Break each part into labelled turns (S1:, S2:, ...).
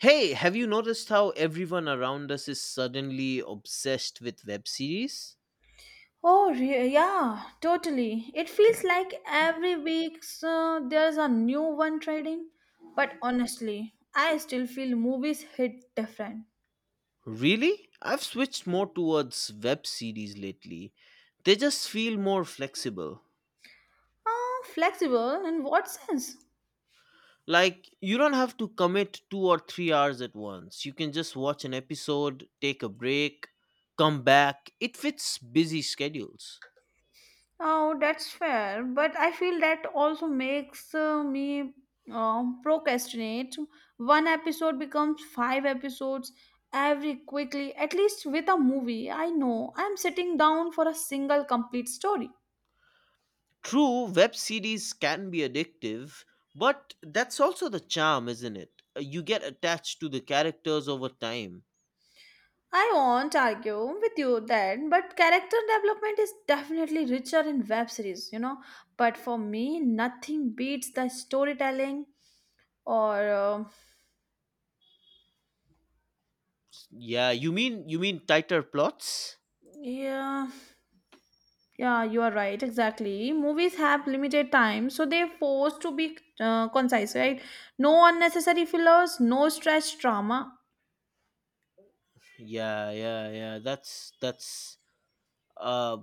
S1: Hey, have you noticed how everyone around us is suddenly obsessed with web series?
S2: Oh, yeah, totally. It feels like every week so there's a new one trading. But honestly, I still feel movies hit different.
S1: Really? I've switched more towards web series lately. They just feel more flexible.
S2: Oh, flexible in what sense?
S1: Like, you don't have to commit 2 or 3 hours at once. You can just watch an episode, take a break, come back. It fits busy schedules.
S2: Oh, that's fair. But I feel that also makes me procrastinate. One episode becomes five episodes every quickly. At least with a movie, I know I'm sitting down for a single complete story.
S1: True, web series can be addictive, but that's also the charm, isn't it? You get attached to the characters over time.
S2: I won't argue with you then, but character development is definitely richer in web series. But for me, nothing beats the storytelling or
S1: Yeah, you mean tighter plots?
S2: yeah, yeah, you are right, exactly. Movies have limited time, so they're forced to be concise, right? No unnecessary fillers, no stretched drama.
S1: Yeah, yeah, yeah. That's uh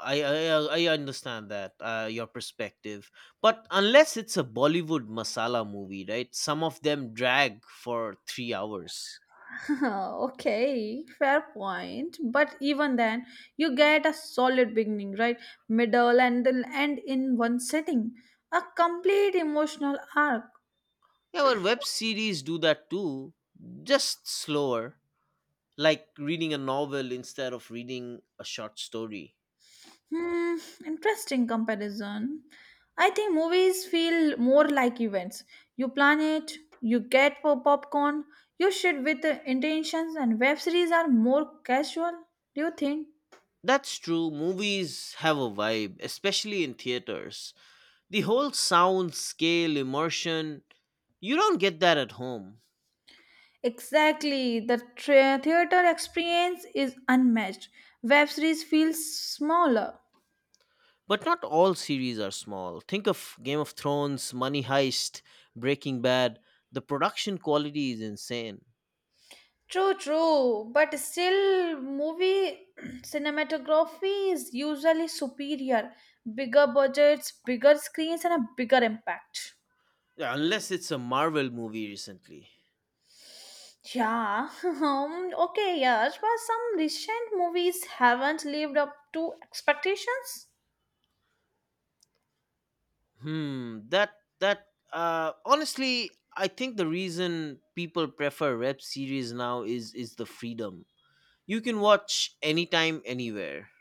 S1: I understand that your perspective. But unless it's a Bollywood masala movie, right? Some of them drag for 3 hours.
S2: okay, fair point. But even then, you get a solid beginning, right? Middle and then end in one setting. A complete emotional arc.
S1: Yeah, but web series do that too, just slower, like reading a novel instead of reading a short story.
S2: Hmm, interesting comparison. I think movies feel more like events. You plan it, you get for popcorn, you shoot with the intentions, and web series are more casual. Do you think?
S1: That's true. Movies have a vibe, especially in theaters. The whole sound, scale, immersion, you don't get that at home.
S2: Exactly. The tra- theater experience is unmatched. Web series feels smaller.
S1: But not all series are small. Think of Game of Thrones, Money Heist, Breaking Bad. The production quality is insane.
S2: True, true. But still, movie cinematography is usually superior. Bigger budgets, bigger screens, and a bigger impact.
S1: Yeah, unless it's a Marvel movie recently.
S2: Yeah. Okay, yeah, but some recent movies haven't lived up to expectations.
S1: Hmm, that that honestly, I think the reason people prefer rep series now is the freedom. You can watch anytime anywhere.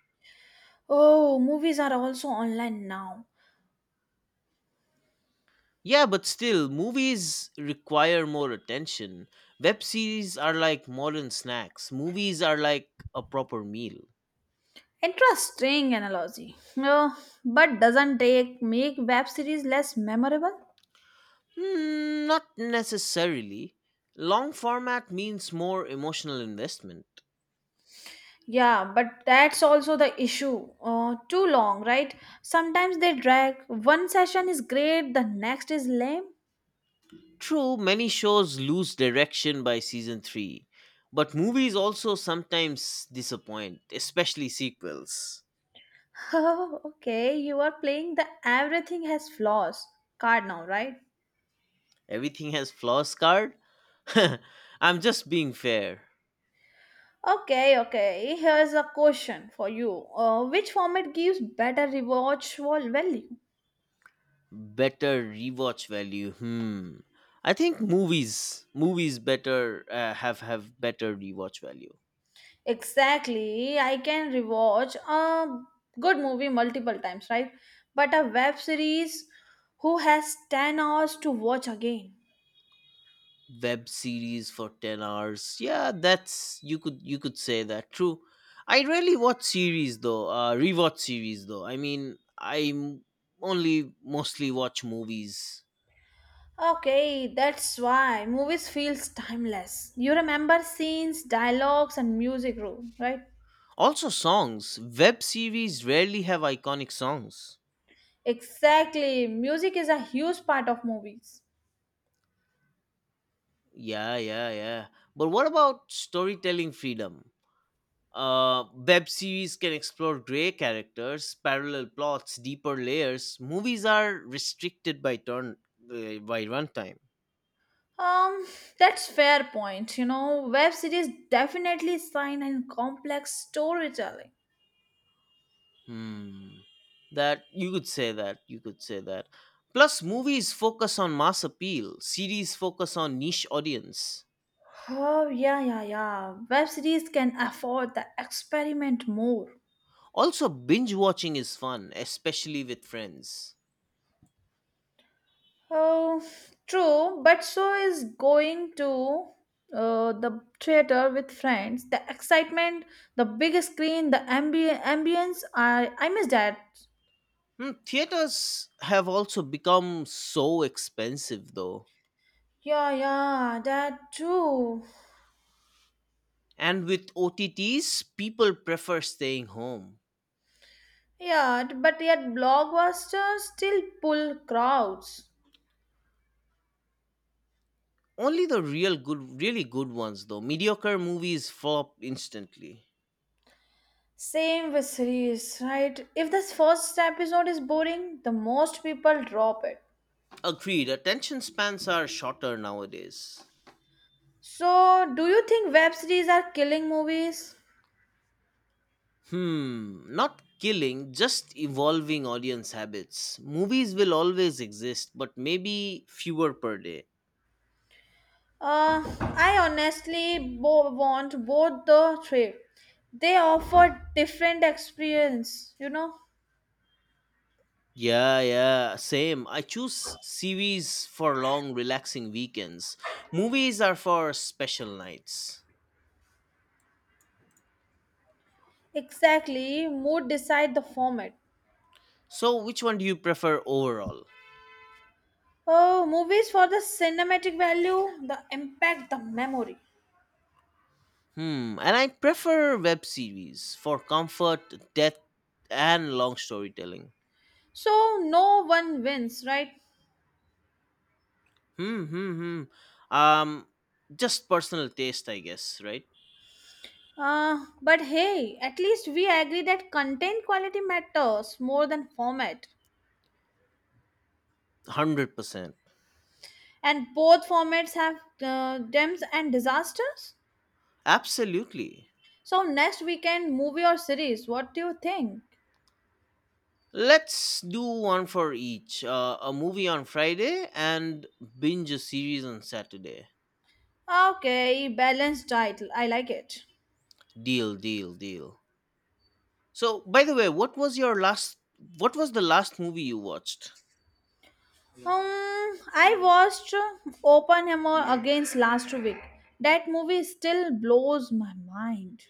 S2: Oh, movies are also online now.
S1: Yeah, but still, movies require more attention. Web series are like modern snacks. Movies are like a proper meal.
S2: Interesting analogy. No, but doesn't take make web series less memorable?
S1: Mm, not necessarily. Long format means more emotional investment.
S2: Yeah, but that's also the issue. Too long, right? Sometimes they drag. One session is great, the next is lame.
S1: True, many shows lose direction by season 3, but movies also sometimes disappoint, especially sequels.
S2: Oh, okay. You are playing the everything has flaws card now, right?
S1: Everything has flaws card? I'm just being fair.
S2: Okay, okay. Here's a question for you. Which format gives better rewatch value?
S1: Better rewatch value. Hmm, I think movies movies better have better rewatch value.
S2: Exactly. I can rewatch a good movie multiple times, right? But a web series, who has 10 hours to watch again?
S1: Web series for 10 hours, yeah, that's, you could say that. True, I rarely watch series though, uh, rewatch series though, I mean I only mostly watch movies.
S2: Okay, that's why movies feels timeless. You remember scenes, dialogues and music room, right?
S1: Also songs, web series rarely have iconic songs.
S2: Exactly. Music is a huge part of movies.
S1: Yeah, yeah, yeah, but what about storytelling freedom? Web series can explore gray characters, parallel plots, deeper layers. Movies are restricted by turn by runtime.
S2: Um, that's fair point. Web series definitely sign and complex storytelling.
S1: Hmm. That you could say that, you could say that. Plus, movies focus on mass appeal. Series focus on niche audience.
S2: Oh, yeah, yeah, yeah. Web series can afford the experiment more.
S1: Also, binge watching is fun, especially with friends.
S2: Oh, true, but so is going to the theater with friends. The excitement, the big screen, the ambience. I miss that.
S1: Hmm, theaters have also become so expensive, though.
S2: Yeah, yeah, that too.
S1: And with OTTs, people prefer staying home.
S2: Yeah, but yet blockbusters still pull crowds.
S1: Only the really good ones though. Mediocre movies flop instantly.
S2: Same with series, right? If this first episode is boring, the most people drop it.
S1: Agreed, attention spans are shorter nowadays.
S2: So, do you think web series are killing movies?
S1: Hmm, not killing, just evolving audience habits. Movies will always exist, but maybe fewer per day.
S2: I honestly want both the three. They offer different experience.
S1: Yeah, yeah, same. I choose series for long, relaxing weekends. Movies are for special nights.
S2: Exactly, mood decide the format.
S1: So, which one do you prefer overall?
S2: Oh, movies for the cinematic value, the impact, the memory.
S1: Hmm, and I prefer web series for comfort, depth, and long storytelling.
S2: So no one wins, right?
S1: Hmm, hmm, hmm. Just personal taste, I guess, right?
S2: But hey, at least we agree that content quality matters more than format.
S1: 100%.
S2: And both formats have gems and disasters.
S1: Absolutely.
S2: So next weekend, movie or series? What do you think?
S1: Let's do one for each, a movie on Friday and binge a series on Saturday.
S2: Okay, balanced title. I like it.
S1: Deal, deal, deal. So, by the way, what was the last movie you watched?
S2: I watched Oppenheimer against last week. That movie still blows my mind.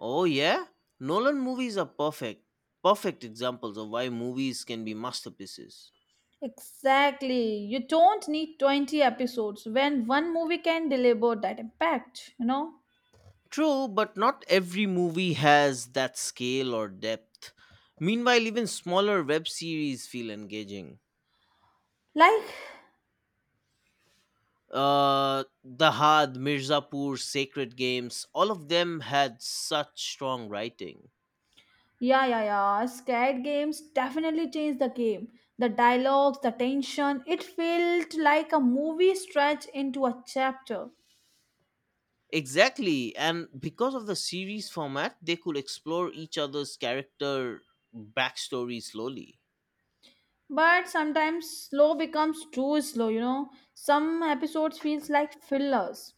S1: Oh yeah, Nolan movies are perfect, perfect examples of why movies can be masterpieces.
S2: Exactly. You don't need 20 episodes when one movie can deliver that impact, you know?
S1: True, but not every movie has that scale or depth. Meanwhile, even smaller web series feel engaging.
S2: Like,
S1: The Had, Mirzapur, Sacred Games, all of them had such strong writing.
S2: yeah, yeah, yeah. Scared games definitely changed the game. The dialogues, the tension, it felt like a movie stretched into a chapter.
S1: Exactly, and because of the series format, they could explore each other's character backstory slowly.
S2: But sometimes slow becomes too slow. Some episodes feels like fillers.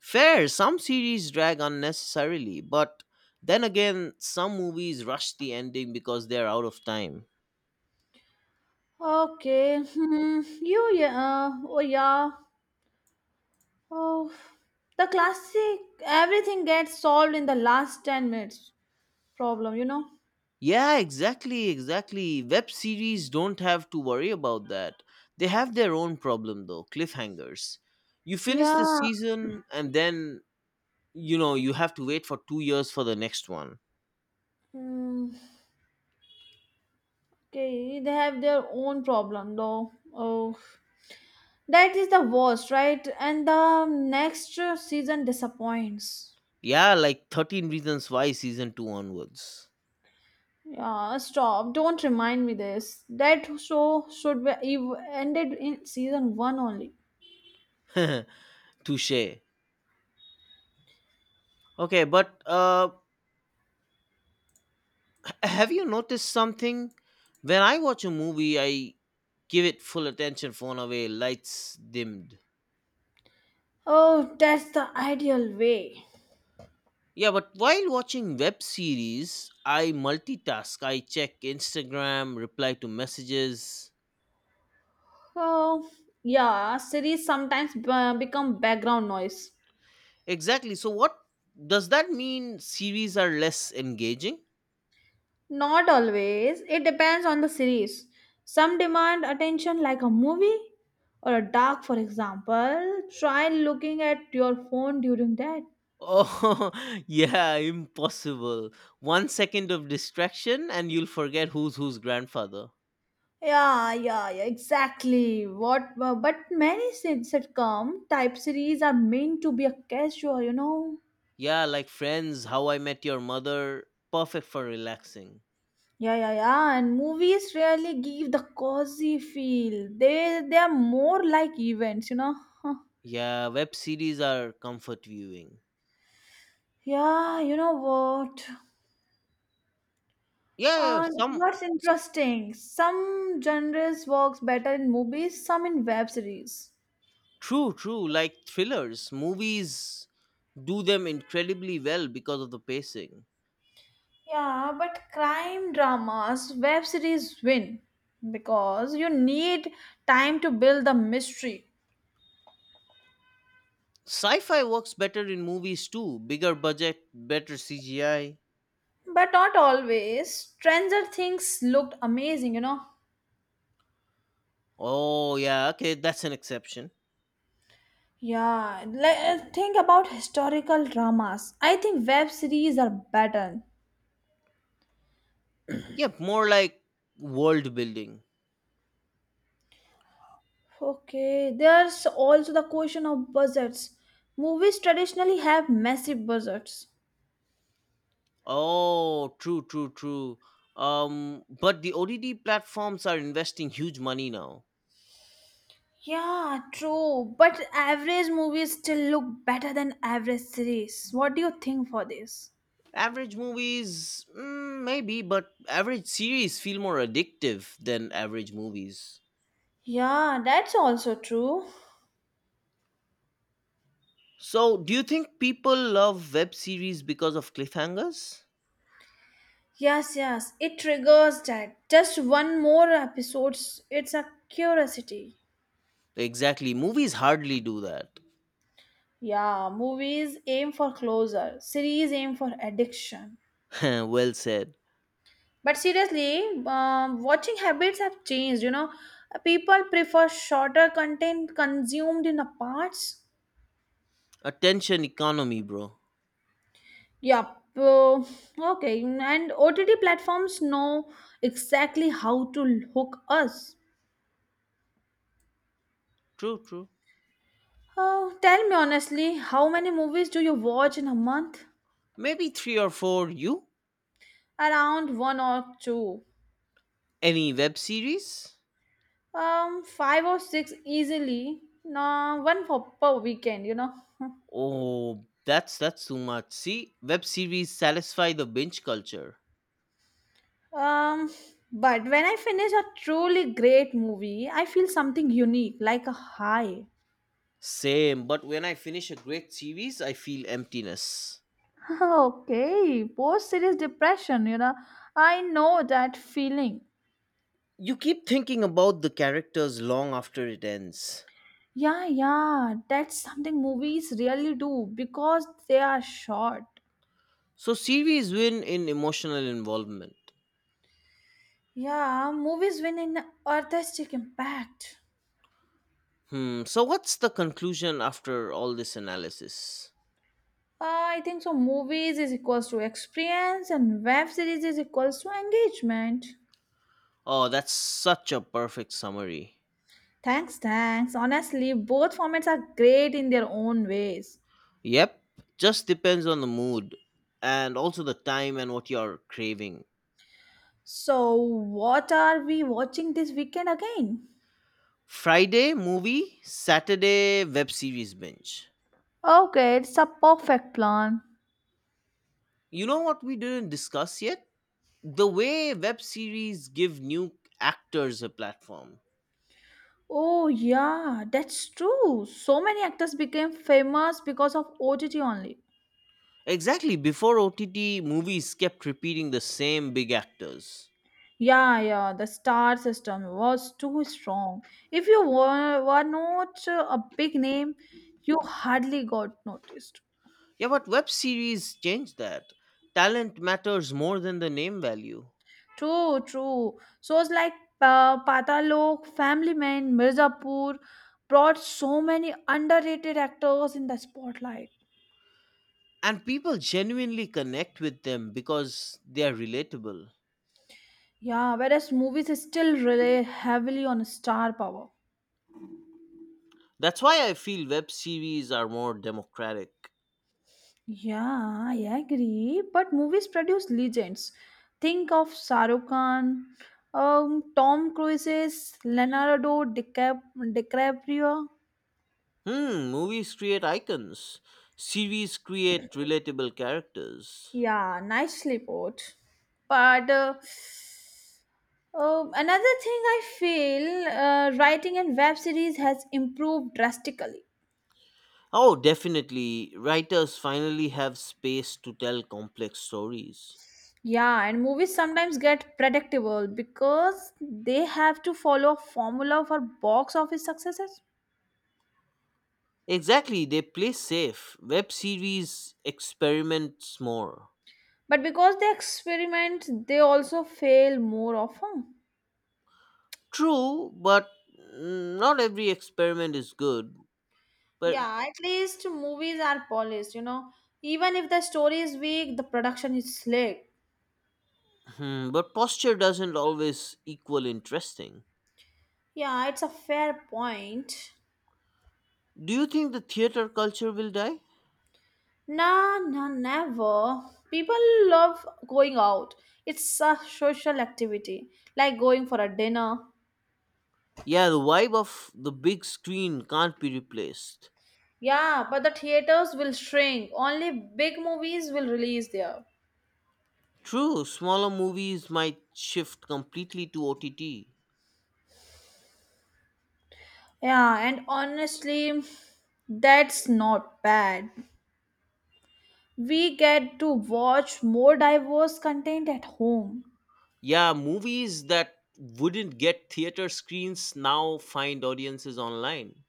S1: Fair, some series drag unnecessarily, but then again, some movies rush the ending because they're out of time.
S2: Okay, hmm, you yeah, oh yeah, oh, the classic everything gets solved in the last 10 minutes problem.
S1: Yeah, exactly, exactly. Web series don't have to worry about that. They have their own problem though, cliffhangers. You finish the
S2: Yeah.
S1: season and then, you know, you have to wait for 2 years for the next one.
S2: Hmm. Okay, they have their own problem though. Oh, that is the worst, right? And the next season disappoints.
S1: Yeah, like 13 Reasons Why season 2 onwards.
S2: Yeah, stop. Don't remind me this. That show should be ended in season one only.
S1: Touche. Okay, but have you noticed something? When I watch a movie, I give it full attention, phone away, lights dimmed.
S2: Oh, that's the ideal way.
S1: Yeah, but while watching web series, I multitask. I check Instagram, reply to messages.
S2: Oh, yeah, series sometimes become background noise.
S1: Exactly. So, what does that mean? Series are less engaging?
S2: Not always. It depends on the series. Some demand attention, like a movie or a dark, for example. Try looking at your phone during that.
S1: Oh, yeah, impossible. 1 second of distraction, and you'll forget who's whose grandfather.
S2: Yeah, yeah, yeah, exactly. What? But many sitcom type series are meant to be a casual.
S1: Yeah, like Friends, How I Met Your Mother, perfect for relaxing.
S2: Yeah, yeah, yeah. And movies rarely give the cozy feel. They are more like events.
S1: Yeah, web series are comfort viewing.
S2: Yeah, you know what?
S1: Yeah, yeah,
S2: And
S1: some.
S2: what's interesting, some genres works better in movies, some in web series.
S1: True, true, like thrillers, movies do them incredibly well because of the pacing.
S2: Yeah, but crime dramas, web series win because you need time to build the mystery.
S1: Sci fi works better in movies too. Bigger budget, better CGI.
S2: But not always. Stranger Things looked amazing.
S1: Oh, yeah, okay, that's an exception.
S2: Yeah, like think about historical dramas. I think web series are better.
S1: Yeah, more like world building.
S2: Okay, there's also the question of budgets. Movies traditionally have massive budgets.
S1: Oh, true, true, true. But the ODD platforms are investing huge money now.
S2: Yeah, true. But average movies still look better than average series. What do you think for this?
S1: Average movies, mm, maybe, but average series feel more addictive than average movies.
S2: Yeah, that's also true.
S1: So, do you think people love web series because of cliffhangers?
S2: Yes, yes, it triggers that. Just one more episodes. It's a curiosity.
S1: Exactly. Movies hardly do that.
S2: Yeah, movies aim for closure. Series aim for addiction.
S1: Well said.
S2: But seriously, watching habits have changed. People prefer shorter content consumed in a parts.
S1: Attention economy, bro.
S2: Yeah. Uh, okay. And OTT platforms know exactly how to hook us.
S1: True, true.
S2: Oh, tell me honestly, how many movies do you watch in a month?
S1: Maybe three or four. You
S2: Around one or two.
S1: any web series?
S2: Five or six easily. No, one for per weekend.
S1: Oh, that's too much. See, web series satisfy the binge culture.
S2: Um, but when I finish a truly great movie, I feel something unique, like a high.
S1: Same, but when I finish a great series, I feel emptiness.
S2: okay, post series depression. I know that feeling.
S1: You keep thinking about the characters long after it ends.
S2: Yeah, yeah, that's something movies really do because they are short.
S1: So series win in emotional involvement.
S2: Yeah, movies win in artistic impact.
S1: Hmm, so what's the conclusion after all this analysis?
S2: I think so. Movies is equals to experience, and web series is equals to engagement.
S1: Oh, that's such a perfect summary.
S2: Thanks, thanks. Honestly, both formats are great in their own ways.
S1: Yep, just depends on the mood and also the time and what you're craving.
S2: So, what are we watching this weekend again?
S1: Friday movie, Saturday web series binge.
S2: Okay, it's a perfect plan.
S1: You know what we didn't discuss yet? The way web series give new actors a platform.
S2: Oh, yeah, that's true. So many actors became famous because of OTT only.
S1: Exactly, before OTT, movies kept repeating the same big actors.
S2: Yeah, yeah, the star system was too strong. If you were not a big name, you hardly got noticed.
S1: Yeah, but web series changed that. Talent matters more than the name value.
S2: True, true. Shows like Patalok, Family Man, Mirzapur brought so many underrated actors in the spotlight.
S1: And people genuinely connect with them because they are relatable.
S2: Yeah, whereas movies still rely heavily on star power.
S1: That's why I feel web series are more democratic.
S2: Yeah, I agree. But movies produce legends. Think of Shah Rukh Khan, Tom Cruise, Leonardo DiCaprio.
S1: Hmm, movies create icons, series create relatable characters.
S2: Yeah, nicely put. But oh, another thing I feel writing in web series has improved drastically.
S1: Oh, definitely, writers finally have space to tell complex stories.
S2: Yeah, and movies sometimes get predictable because they have to follow a formula for box office successes.
S1: Exactly, they play safe. Web series experiments more.
S2: But because they experiment, they also fail more often.
S1: True, but mm, not every experiment is good. But
S2: Yeah, at least movies are polished. Even if the story is weak, the production is slick.
S1: but posture doesn't always equal interesting.
S2: Yeah, it's a fair point.
S1: Do you think the theater culture will die?
S2: Nah, nah, never. People love going out. It's a social activity, like going for a dinner.
S1: Yeah, the vibe of the big screen can't be replaced.
S2: Yeah, but the theaters will shrink. Only big movies will release there.
S1: True, smaller movies might shift completely to OTT.
S2: Yeah, and honestly, that's not bad. We get to watch more diverse content at home.
S1: Yeah, movies that wouldn't get theater screens now find audiences online.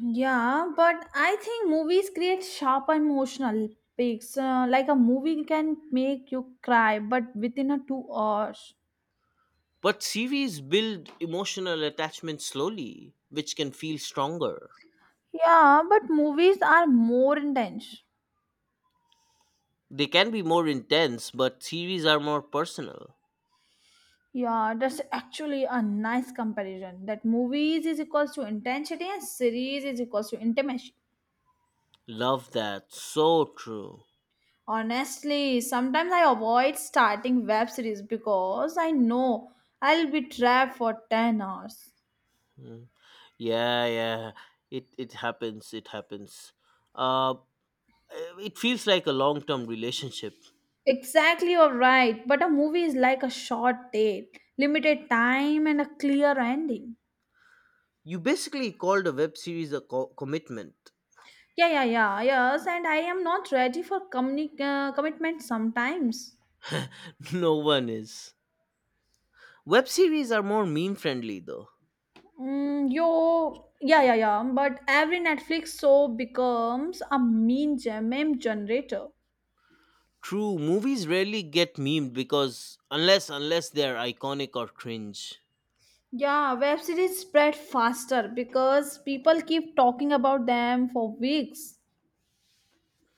S2: Yeah, but I think movies create sharp emotional peaks. Like a movie can make you cry, but within a 2 hours.
S1: But series build emotional attachment slowly, which can feel stronger.
S2: Yeah, but movies are more intense.
S1: They can be more intense, but series are more personal.
S2: Yeah, that's actually a nice comparison. That movies is equals to intensity and series is equals to intimacy.
S1: Love that. So true.
S2: Honestly, sometimes I avoid starting web series because I know I'll be trapped for 10 hours.
S1: Mm. Yeah, yeah. It happens. It happens. Uh, it feels like a long-term relationship.
S2: Exactly, you're right. But a movie is like a short date, limited time, and a clear ending.
S1: You basically called a web series a commitment.
S2: Yeah, yeah, yeah, yes. And I am not ready for commitment sometimes.
S1: No one is. Web series are more meme friendly though.
S2: Mm, yo, yeah, yeah, yeah. But every Netflix show becomes a mean gem meme generator.
S1: True, movies rarely get memed because unless they're iconic or cringe.
S2: Yeah, web series spread faster because people keep talking about them for weeks.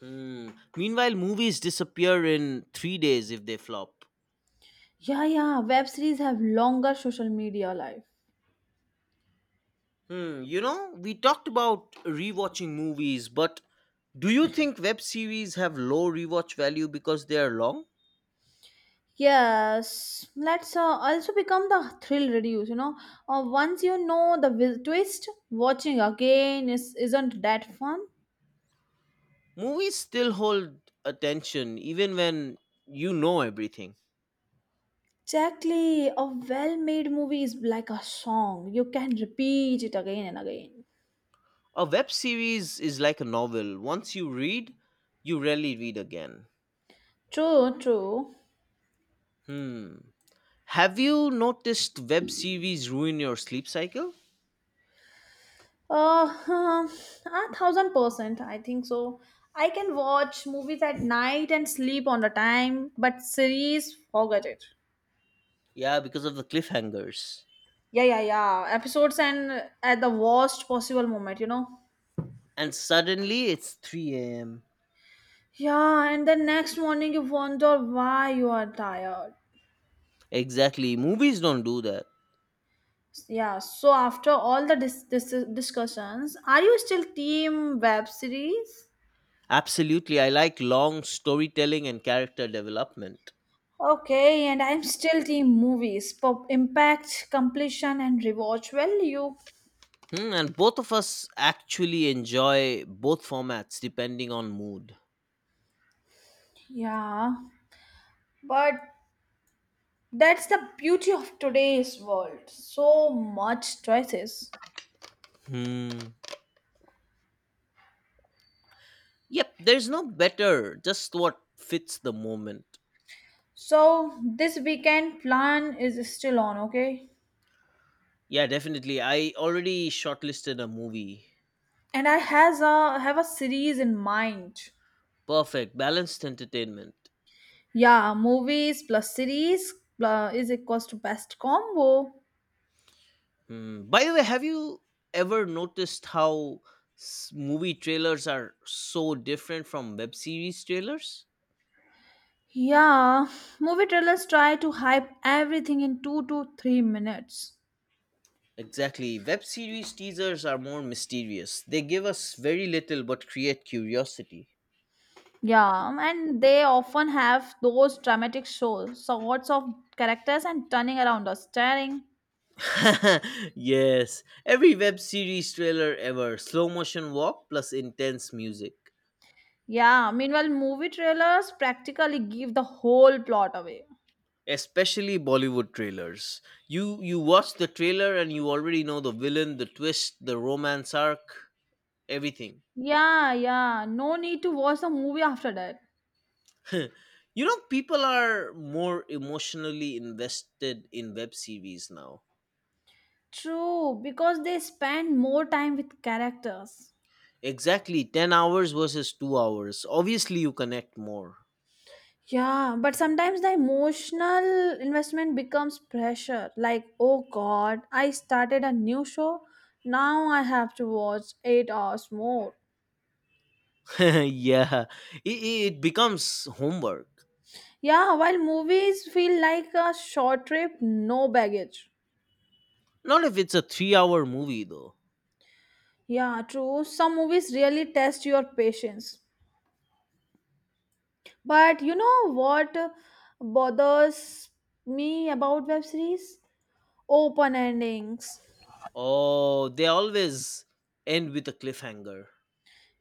S1: Hmm. Meanwhile, movies disappear in 3 days if they flop.
S2: Yeah, yeah, web series have longer social media life.
S1: Hmm. You know, we talked about rewatching movies, but do you think web series have low rewatch value because they are long?
S2: Yes, let's also become the thrill reduce. Once you know the will twist, watching again is isn't that fun?
S1: Movies still hold attention even when you know everything.
S2: Exactly, a well-made movie is like a song. You can repeat it again and again.
S1: A web series is like a novel. Once you read, you rarely read again.
S2: True, true.
S1: Hmm. Have you noticed web series ruin your sleep cycle?
S2: Huh, 1,000%. I think so. I can watch movies at night and sleep on the time, but series, forget it.
S1: Yeah, because of the cliffhangers.
S2: Yeah, yeah, yeah. Episodes and at the worst possible moment.
S1: And suddenly it's 3 a.m.
S2: Yeah, and the next morning you wonder why you are tired.
S1: Exactly. Movies don't do that.
S2: Yeah, so after all the discussions, are you still team web series?
S1: Absolutely. I like long storytelling and character development.
S2: Okay, and I'm still team movies. Pop impact, completion, and rewatch value.
S1: Hmm, and both of us actually enjoy both formats depending on mood.
S2: Yeah, but that's the beauty of today's world. So much choices.
S1: Hmm. Yep, there's no better, just what fits the moment.
S2: So this weekend plan is still on, okay?
S1: Yeah, definitely. I already shortlisted a movie.
S2: And I has a have a series in mind.
S1: Perfect, balanced entertainment.
S2: Yeah, movies plus series is equals to best combo.
S1: Hmm. By the way, have you ever noticed how movie trailers are so different from web series trailers?
S2: Yeah, movie trailers try to hype everything in 2 to 3 minutes.
S1: Exactly. Web series teasers are more mysterious. They give us very little but create curiosity.
S2: Yeah, and they often have those dramatic shows, sorts of characters and turning around or staring.
S1: Yes. Every web series trailer ever, slow motion walk plus intense music.
S2: Yeah, meanwhile, movie trailers practically give the whole plot away.
S1: Especially Bollywood trailers. You watch the trailer and you already know the villain, the twist, the romance arc, everything.
S2: Yeah, yeah, no need to watch the movie after that.
S1: You know, people are more emotionally invested in web series now.
S2: True, because they spend more time with characters.
S1: Exactly, 10 hours versus 2 hours, obviously you connect more.
S2: Yeah, but sometimes the emotional investment becomes pressure. Like, oh god, I started a new show, now I have to watch 8 hours more.
S1: Yeah, it becomes homework.
S2: Yeah, while movies feel like a short trip, no baggage.
S1: Not if it's a 3-hour movie though.
S2: Yeah, true. Some movies really test your patience. But you know what bothers me about web series? Open endings.
S1: Oh, they always end with a cliffhanger.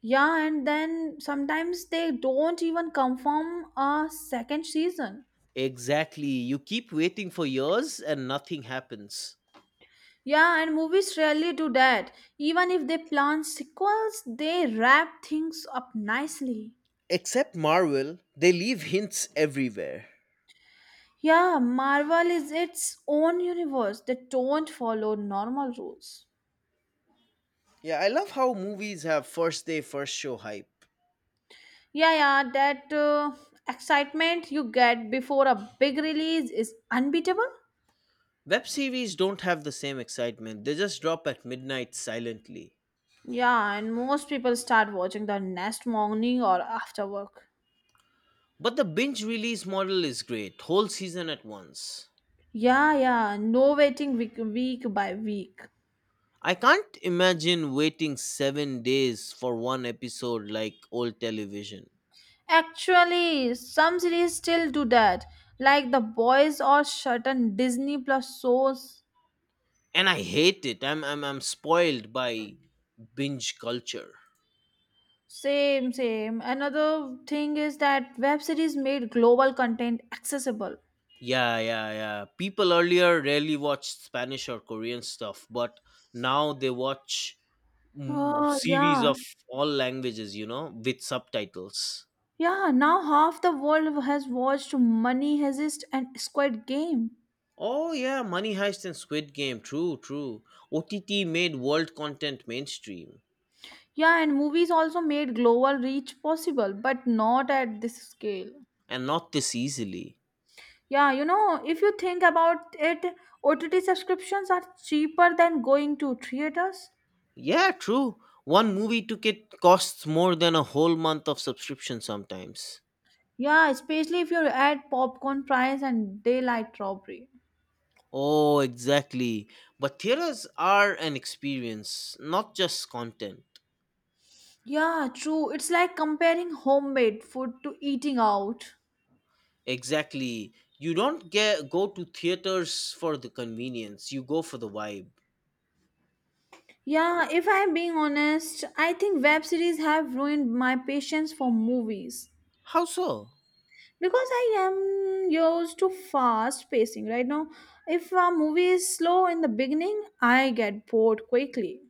S2: Yeah, and then sometimes they don't even confirm a second season.
S1: Exactly, you keep waiting for years and nothing happens.
S2: Yeah, and movies rarely do that. Even if they plan sequels, they wrap things up nicely.
S1: Except Marvel, they leave hints everywhere.
S2: Yeah, Marvel is its own universe. They don't follow normal rules.
S1: Yeah, I love how movies have first day first show hype.
S2: Yeah, yeah, that excitement you get before a big release is unbeatable.
S1: Web series don't have the same excitement, they just drop at midnight silently.
S2: Yeah, and most people start watching the next morning or after work.
S1: But the binge release model is great, whole season at once.
S2: Yeah, yeah, no waiting week by week.
S1: I can't imagine waiting 7 days for one episode like old television.
S2: Actually, some series still do that, like The Boys or certain Disney Plus shows.
S1: And I hate it. I'm spoiled by binge culture.
S2: Same, same. Another thing is that web series made global content accessible.
S1: Yeah, yeah, yeah. People earlier rarely watched Spanish or Korean stuff, but now they watch, mm,
S2: Oh,
S1: series
S2: yeah.
S1: of all languages, you know, with subtitles.
S2: Yeah, now half the world has watched Money Heist and Squid Game.
S1: Oh yeah, Money Heist and Squid Game. True, true. OTT made world content mainstream,
S2: Yeah, and movies also made global reach possible, but not at this scale.
S1: and not this easily.
S2: Yeah, if you think about it, OTT subscriptions are cheaper than going to theaters.
S1: Yeah, true. One movie ticket costs more than a whole month of subscription sometimes.
S2: Yeah, especially if you add popcorn price and daylight robbery.
S1: Oh, exactly. But theaters are an experience, not just content.
S2: Yeah, true. It's like comparing homemade food to eating out.
S1: Exactly. You don't get go to theaters for the convenience. You go for the vibe.
S2: Yeah, if I'm being honest, I think web series have ruined my patience for movies.
S1: How so?
S2: Because I am used to fast pacing right now. If a movie is slow in the beginning, I get bored quickly.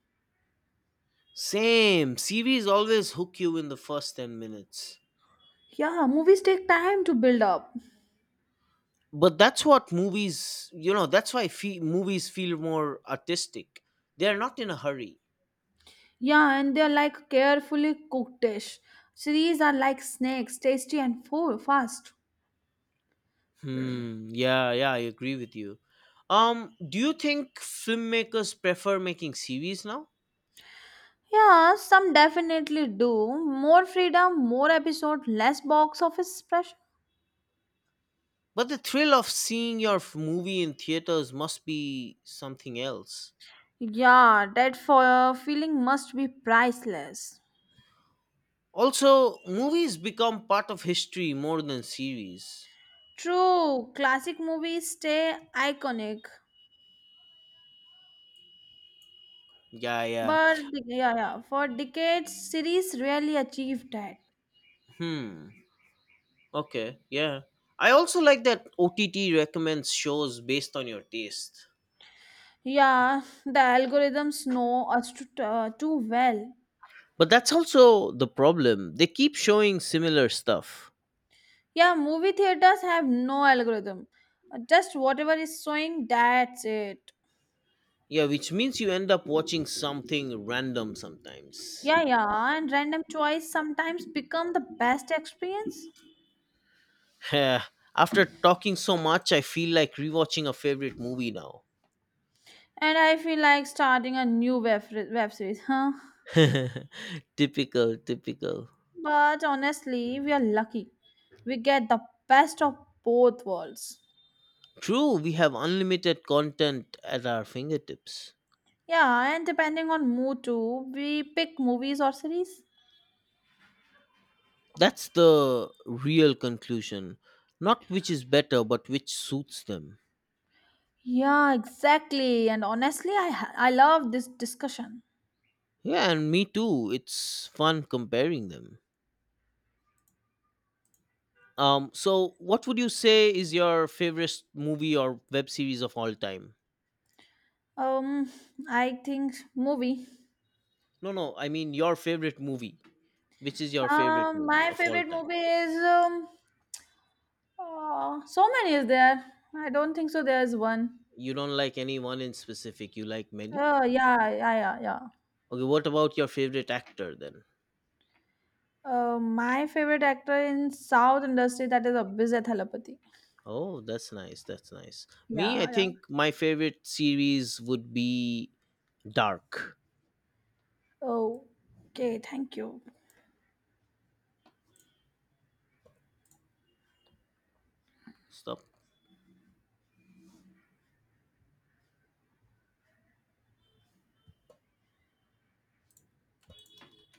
S1: Same. Series always hook you in the first 10 minutes.
S2: Yeah, movies take time to build up.
S1: But that's what movies, you know, that's why movies feel more artistic, they're not in a hurry.
S2: Yeah, and they're like carefully cooked dish. Series are like snakes, tasty and full, fast.
S1: Hmm, yeah, yeah, I agree with you. Do you think filmmakers prefer making series now?
S2: Yeah, some definitely do. More freedom, more episode, less box office pressure.
S1: But the thrill of seeing your movie in theaters must be something else.
S2: Yeah, that for feeling must be priceless.
S1: Also movies become part of history more than series.
S2: True, classic movies stay iconic,
S1: Yeah, yeah.
S2: but yeah, yeah, for decades, series rarely achieved that.
S1: Hmm, okay, yeah, I also like that OTT recommends shows based on your taste.
S2: Yeah, the algorithms know us too, too well.
S1: But that's also the problem. They keep showing similar stuff.
S2: Yeah, movie theaters have no algorithm. Just whatever is showing, that's it.
S1: Yeah, which means you end up watching something random sometimes.
S2: Yeah, yeah, and random choice sometimes become the best experience.
S1: Yeah. After talking so much, I feel like rewatching a favorite movie now.
S2: And I feel like starting a new web series, huh?
S1: Typical, typical.
S2: But honestly, we are lucky. We get the best of both worlds.
S1: True, we have unlimited content at our fingertips.
S2: Yeah, and depending on mood too, we pick movies or series.
S1: That's the real conclusion. Not which is better, but which suits them.
S2: Yeah, exactly. And honestly, I love this discussion.
S1: Yeah, and me too. It's fun comparing them. So what would you say is your favorite movie or web series of all time?
S2: Um, I think movie.
S1: No, no, I mean your favorite movie. Which is your favorite
S2: Um,
S1: movie
S2: my
S1: of all
S2: favorite
S1: time?
S2: movie is so many is there. I don't think so. There's one.
S1: You don't like any one in specific, you like many?
S2: Oh yeah, yeah, yeah, yeah.
S1: Okay, what about your favorite actor then?
S2: My favorite actor in South industry that is Abhijit Thalapathy.
S1: Oh, that's nice. That's nice. Me, I
S2: Yeah, yeah.
S1: think my favorite series would be Dark.
S2: Oh, okay. Thank you.
S1: Stop.